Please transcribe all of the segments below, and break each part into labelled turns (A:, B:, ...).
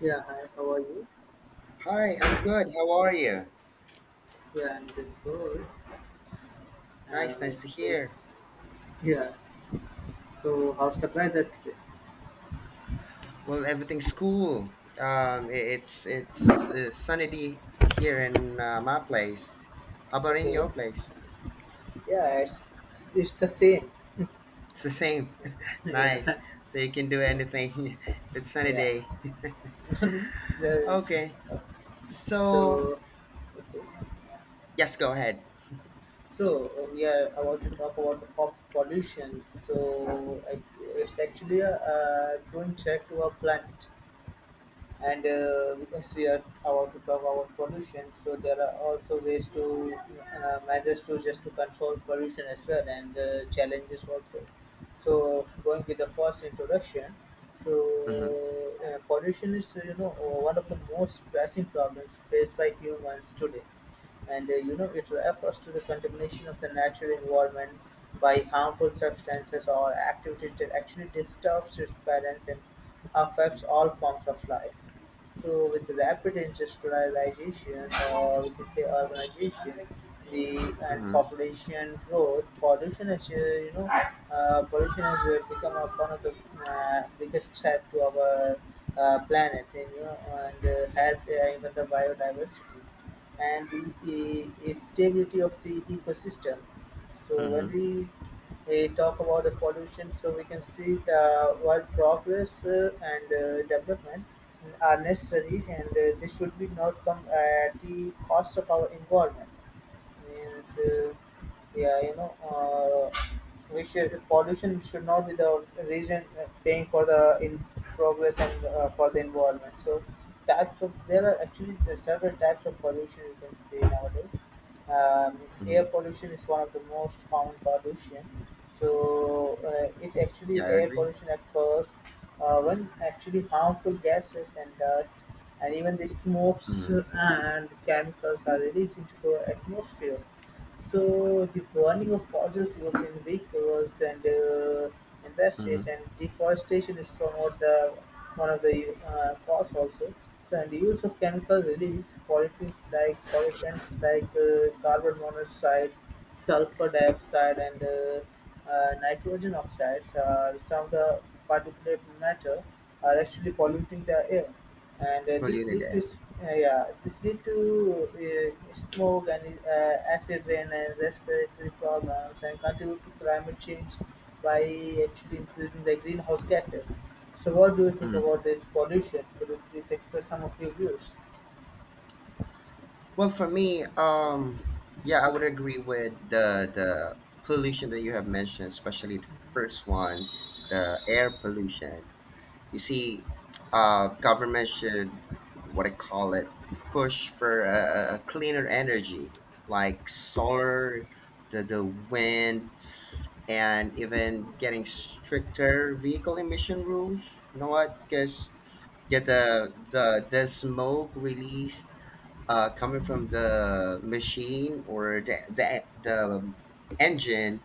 A: Yeah, hi, how are you?
B: Hi, I'm good. How are you?
A: Yeah, I'm doing good.
B: Nice,
A: Uh,
B: nice to
A: so,
B: hear.
A: yeah, so how's the weather today?
B: Well, everything's cool. It's sunny day here in my place. How about in
A: Okay,
B: your place?
A: yeah, it's the same.
B: It's the same.
A: Yeah,
B: nice. So you can do
A: yeah,
B: anything if it's sunny
A: yeah.
B: day.
A: The-
B: Okay. So
A: so, okay.
B: yes, go ahead.
A: So I want to talk about the pop pollution. So, it's actually a growing threat to our planet. And because we are about to talk about pollution, so there are also ways to measures to just to control pollution as well, and challenges also. So going with the first introduction,
B: Mm-hmm.
A: so pollution is one of the most pressing problems faced by humans today, and it refers to the contamination of the natural environment by harmful substances or activities that actually disturbs its balance and affects all forms of life. So with rapid industrialization, or we can say urbanization, the and
B: Mm-hmm.
A: population growth, pollution has become one of the biggest threat to our planet, and you know, and health, even the biodiversity and the stability of the ecosystem. So when
B: Mm-hmm.
A: we talk about the pollution, so we can see the what progress and development are necessary, and they should be not come at the cost of our environment, means yeah you know uh, we should pollution should not be the reason paying for the in progress and for the environment. So types of there are actually there are several types of pollution you can say nowadays. It's air
B: Mm-hmm.
A: pollution is one of the most common pollution. So it
B: Yeah,
A: actually
B: I
A: air
B: agree.
A: pollution occurs when actually harmful gases and dust and even the smokes
B: Mm-hmm.
A: and chemicals are released into the atmosphere. So the burning of fossil fuels in vehicles and industries
B: Mm-hmm.
A: and deforestation is from what the one of the cause also. So and the use of chemical release pollutants like carbon monoxide, Sulfur dioxide, and nitrogen oxides are some of the particulate matter are actually polluting the air, and
B: Well,
A: this lead to
B: air. Are
A: this lead to smoke and acid rain and respiratory problems and contribute to climate change by actually increasing the greenhouse gases. So, what do you think
B: there.
A: about this pollution? Could you please express some of your views?
B: Well, for me, yeah, I would agree with the pollution that you have mentioned, especially the first one, the air pollution. You see, government should, what I call it, push for a cleaner energy like solar, the wind, and even getting stricter vehicle emission rules. You know what? Because get the smoke released coming from the machine or the engine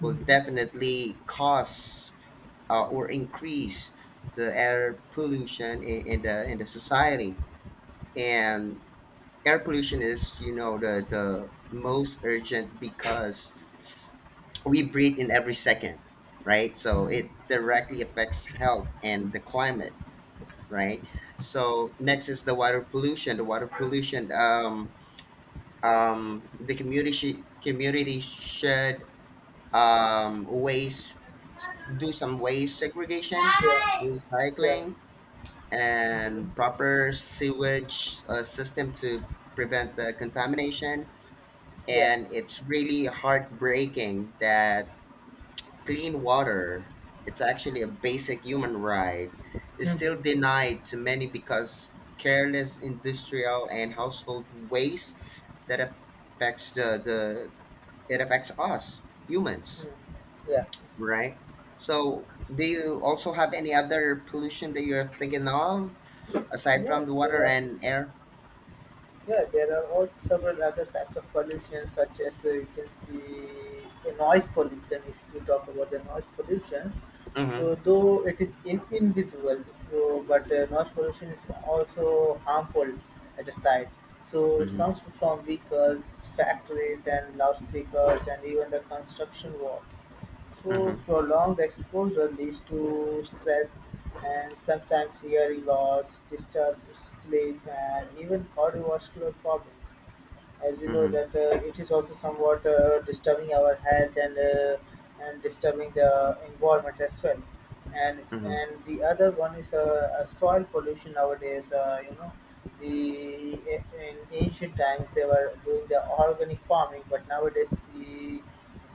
B: will definitely cause or increase the air pollution in the society. And air pollution is, you know, the most urgent, because we breathe in every second, right? So it directly affects health and the climate, right? So next is the water pollution. The water pollution. The community should, waste, do some waste segregation,
A: Yeah. Yeah.
B: recycling, and
A: Hmm.
B: proper sewage system to prevent the contamination.
A: Yeah.
B: And it's really heartbreaking that clean water, it's actually a basic human right, is still
A: Hmm.
B: denied to many because careless industrial and household waste that affects the it affects us humans,
A: Hmm. Yeah,
B: right? So, do you also have any other pollution that you're thinking of aside
A: yeah.
B: from the water
A: There are
B: and air?
A: Yeah, there are also several other types of pollution, such as you can see the noise pollution. If we talk about the noise pollution, so
B: Mm-hmm.
A: though it is invisible, so, but noise pollution is also harmful at the side. So it
B: Mm-hmm.
A: comes from vehicles, factories, and loudspeakers, and even the construction work. So
B: Mm-hmm.
A: prolonged exposure leads to stress and sometimes hearing loss, disturbed sleep, and even cardiovascular problems. As you know
B: Mm-hmm.
A: that it is also somewhat disturbing our health and and disturbing the environment as well. And
B: Mm-hmm.
A: and the other one is soil pollution nowadays. The in ancient times they were doing the organic farming, but nowadays the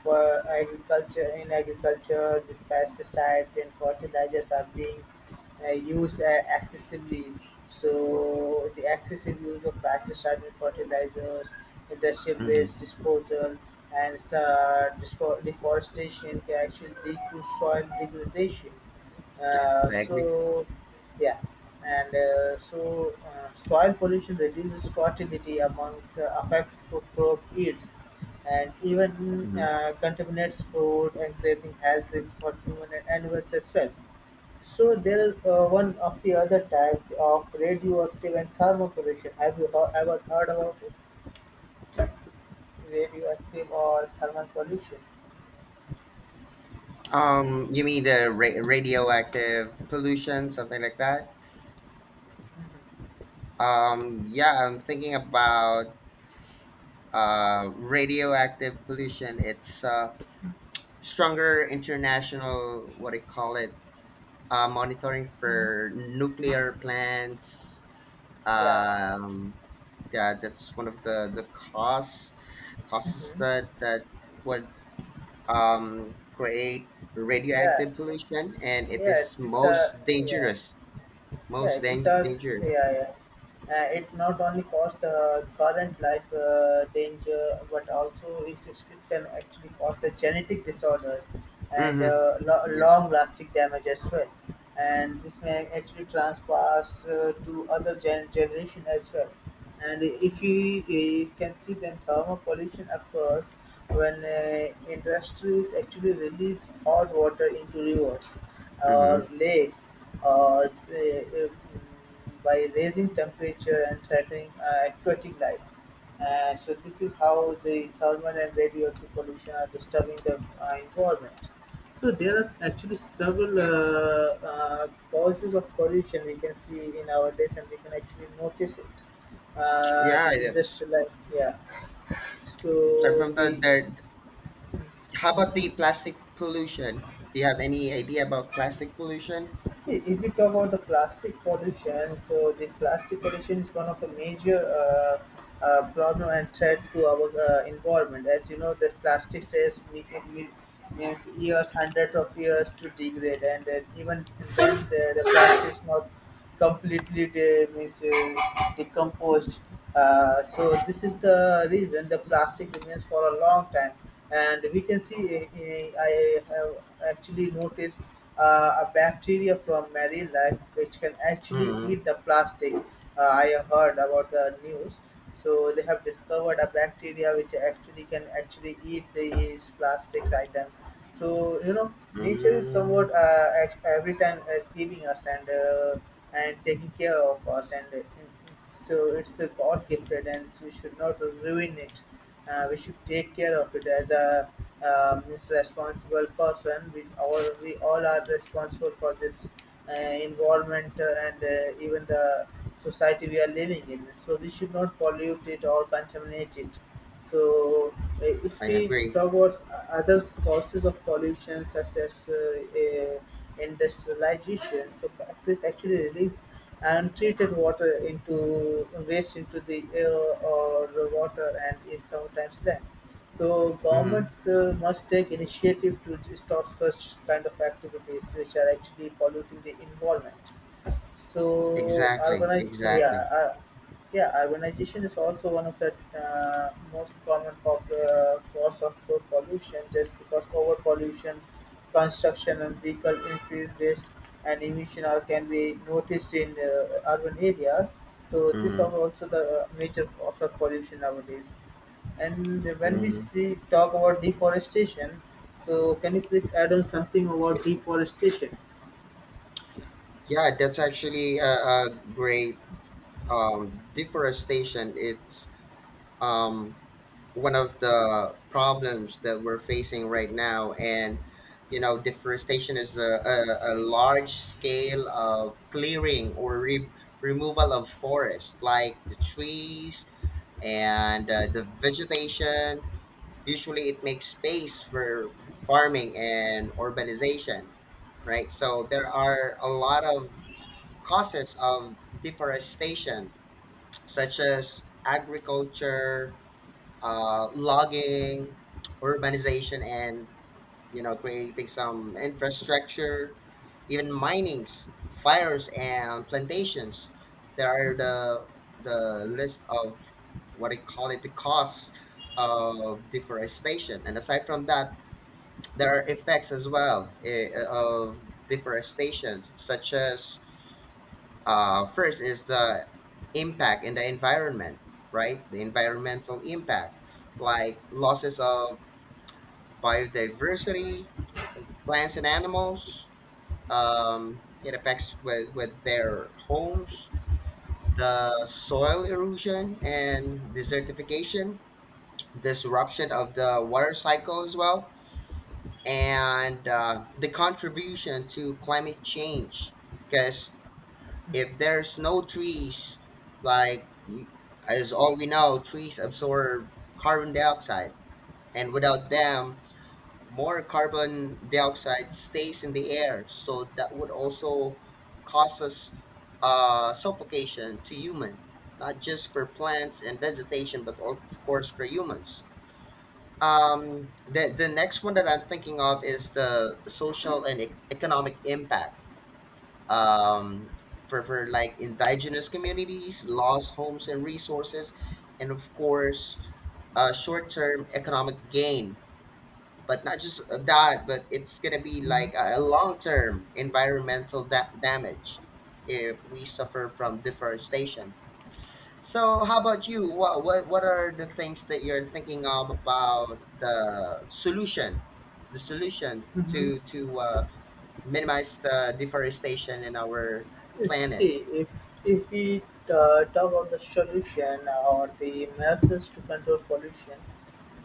A: in agriculture, these pesticides and fertilizers are being used excessively. So the excessive use of pesticides and fertilizers, industrial
B: Mm-hmm.
A: waste disposal, and deforestation can actually lead to soil degradation.
B: Yeah, I agree.
A: So, yeah, and so Soil pollution reduces fertility amongst affects crop yields and even
B: Mm-hmm.
A: contaminates food and creating health risks for human and animals as well. So there are one of the other type of radioactive and thermal pollution. Have you ever heard about it? Radioactive or thermal pollution?
B: You mean the radioactive pollution, something like that? Yeah, I'm thinking about radioactive pollution. It's stronger international, what do you call it? Monitoring for nuclear plants.
A: Yeah, yeah.
B: Um, yeah, that's one of the cause causes
A: Mhm.
B: that would, create
A: Yeah,
B: radioactive pollution, and it
A: yeah.
B: is
A: This,
B: most
A: yeah,
B: dangerous.
A: yeah. This are,
B: Dangerous.
A: Yeah, yeah. It not only caused the current life danger, but also it can actually cause the genetic disorder and
B: Mm-hmm.
A: uh, lo-
B: Yes.
A: long-lasting damage as well. And this may actually transpass to other generation as well. And if you can see, then thermal pollution occurs when industries actually release hot water into rivers or
B: Mm-hmm.
A: lakes or say, uh, by raising temperature and threatening aquatic life. So this is how the thermal and radioactive pollution are disturbing the environment. So there are actually several causes of pollution we can see in our days, and we can actually notice it
B: Yeah,
A: the
B: yeah.
A: industrial like yeah.
B: So
A: So
B: from the
A: the
B: there, how about the plastic pollution? Do you have any idea about plastic pollution?
A: see if we talk about the plastic pollution, so the plastic pollution is one of the major problem and threat to our environment. As you know, the plastic me- means years, hundreds of years to degrade, and then even then the plastic is not completely decomposed. So this is the reason the plastic remains for a long time, and we can see. I have actually noticed a bacteria from marine life which can actually
B: Mm-hmm.
A: eat the plastic. I have heard about the news. So they have discovered a bacteria which actually can actually eat these plastics items. So you know, nature is
B: mm
A: somewhat every time is giving us and and taking care of us, and so it's a god gifted, and so we should not ruin it. We should take care of it as a as responsible person. We all are responsible for this uh, environment, and even the society we are living in, so we should not pollute it or contaminate it. So, if
B: I
A: we
B: agree.
A: talk about other causes of pollution, such as industrialization, so factories actually release untreated water into waste into the air or the water and is sometimes land. So,
B: Mm-hmm.
A: governments must take initiative to stop such kind of activities which are actually polluting the environment. So
B: Exactly,
A: urbanization,
B: exactly.
A: yeah, urbanization is also one of the most common cause of pollution, just because overpollution, construction, and vehicle increase waste and emission are can be noticed in urban areas. So these are
B: hmm
A: also the major cause of pollution nowadays. And when we
B: hmm
A: see talk about deforestation, so can you please add on something about deforestation?
B: Yeah, that's actually a great, deforestation. It's, um, one of the problems that we're facing right now, and you know, deforestation is a large scale of clearing or removal of forest, like the trees and the vegetation. Usually, it makes space for farming and urbanization, right? So there are a lot of causes of deforestation, such as agriculture, logging, urbanization, and, you know, creating some infrastructure, even minings, fires, and plantations. There are the list of what I call it the costs of deforestation, and aside from that there are effects as well, eh, of deforestation, such as, first is the impact in the environment, right? The environmental impact, like losses of biodiversity, like plants and animals. It affects with their homes, the soil erosion and desertification, disruption of the water cycle as well, and the contribution to climate change. Because if there's no trees, like you, as all we know, trees absorb carbon dioxide, and without them, more carbon dioxide stays in the air. So that would also cause us, suffocation to human, not just for plants and vegetation, but of course for humans. The next one that I'm thinking of is the social and economic impact. Um, for like indigenous communities, lost homes and resources, and of course, short term economic gain. But not just that, but it's gonna be like
A: Mhm.
B: a long term environmental damage if we suffer from deforestation. So, how about you? What are the things that you're thinking of about the solution
A: Mhm.
B: to, minimize the deforestation in our planet?
A: See, if we talk of the solution or the methods to control pollution,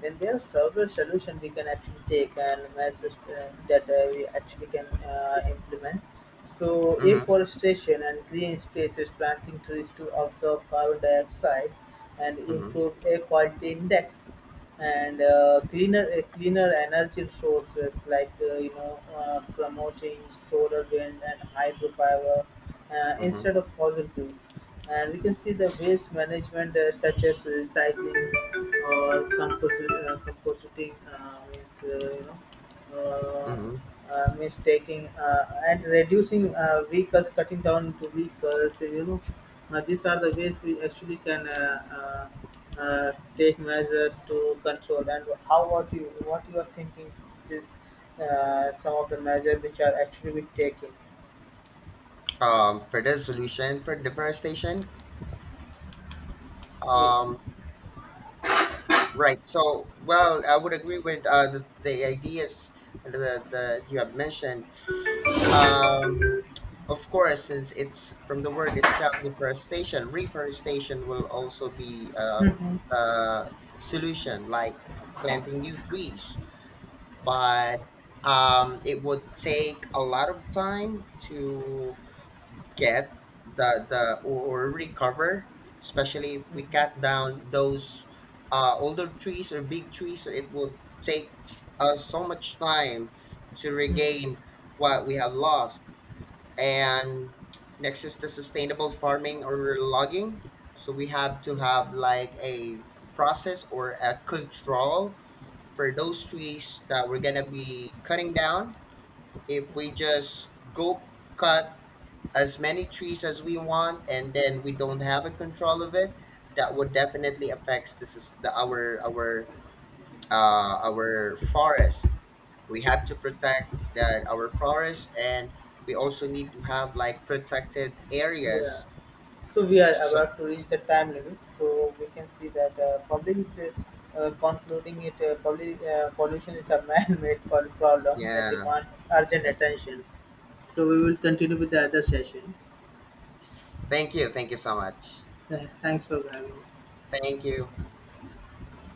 A: then there are several solutions we can actually take and measures that we actually can implement. So,
B: Mm-hmm,
A: afforestation and green spaces, planting trees to absorb carbon dioxide and
B: mm-hmm,
A: improve air quality index, and cleaner energy sources like promoting solar, wind, and hydropower
B: mm-hmm,
A: instead of fossil fuels. And we can see the waste management, such as recycling or compositing, means you know
B: mm-hmm.
A: means taking and reducing vehicles, cutting down to vehicles, you know. These are the ways we actually can take measures to control. And how what you are thinking is some of the measures which are actually we taking.
B: For the solution for deforestation,
A: Eh,
B: um, right? So, well, I would agree with the ideas and the you have mentioned. Um, of course, since it's from the word itself, deforestation, reforestation will also be a solution, like planting new trees. But, it would take a lot of time to get the or recover, especially if
A: mm,
B: we cut
A: mm,
B: down those older trees or big trees. So it would take us so much time to
A: mm.
B: regain what we have lost, and next is the sustainable farming or logging. So we have to have like a process or a control for those trees that we're going to be cutting down. If we just go cut as many trees as we want and then we don't have a control of it, that would definitely affects this is the our forest. We had to protect that our forest, and we also need to have like protected
A: Yeah.
B: areas.
A: So we are
B: So
A: about to reach the time limit. So we can see that public is concluding it. Public pollution is a man-made problem that
B: yeah,
A: demands urgent
B: uh,
A: attention. So we will continue with the other session.
B: thank you so much.
A: Thanks for having me.
B: Thank you.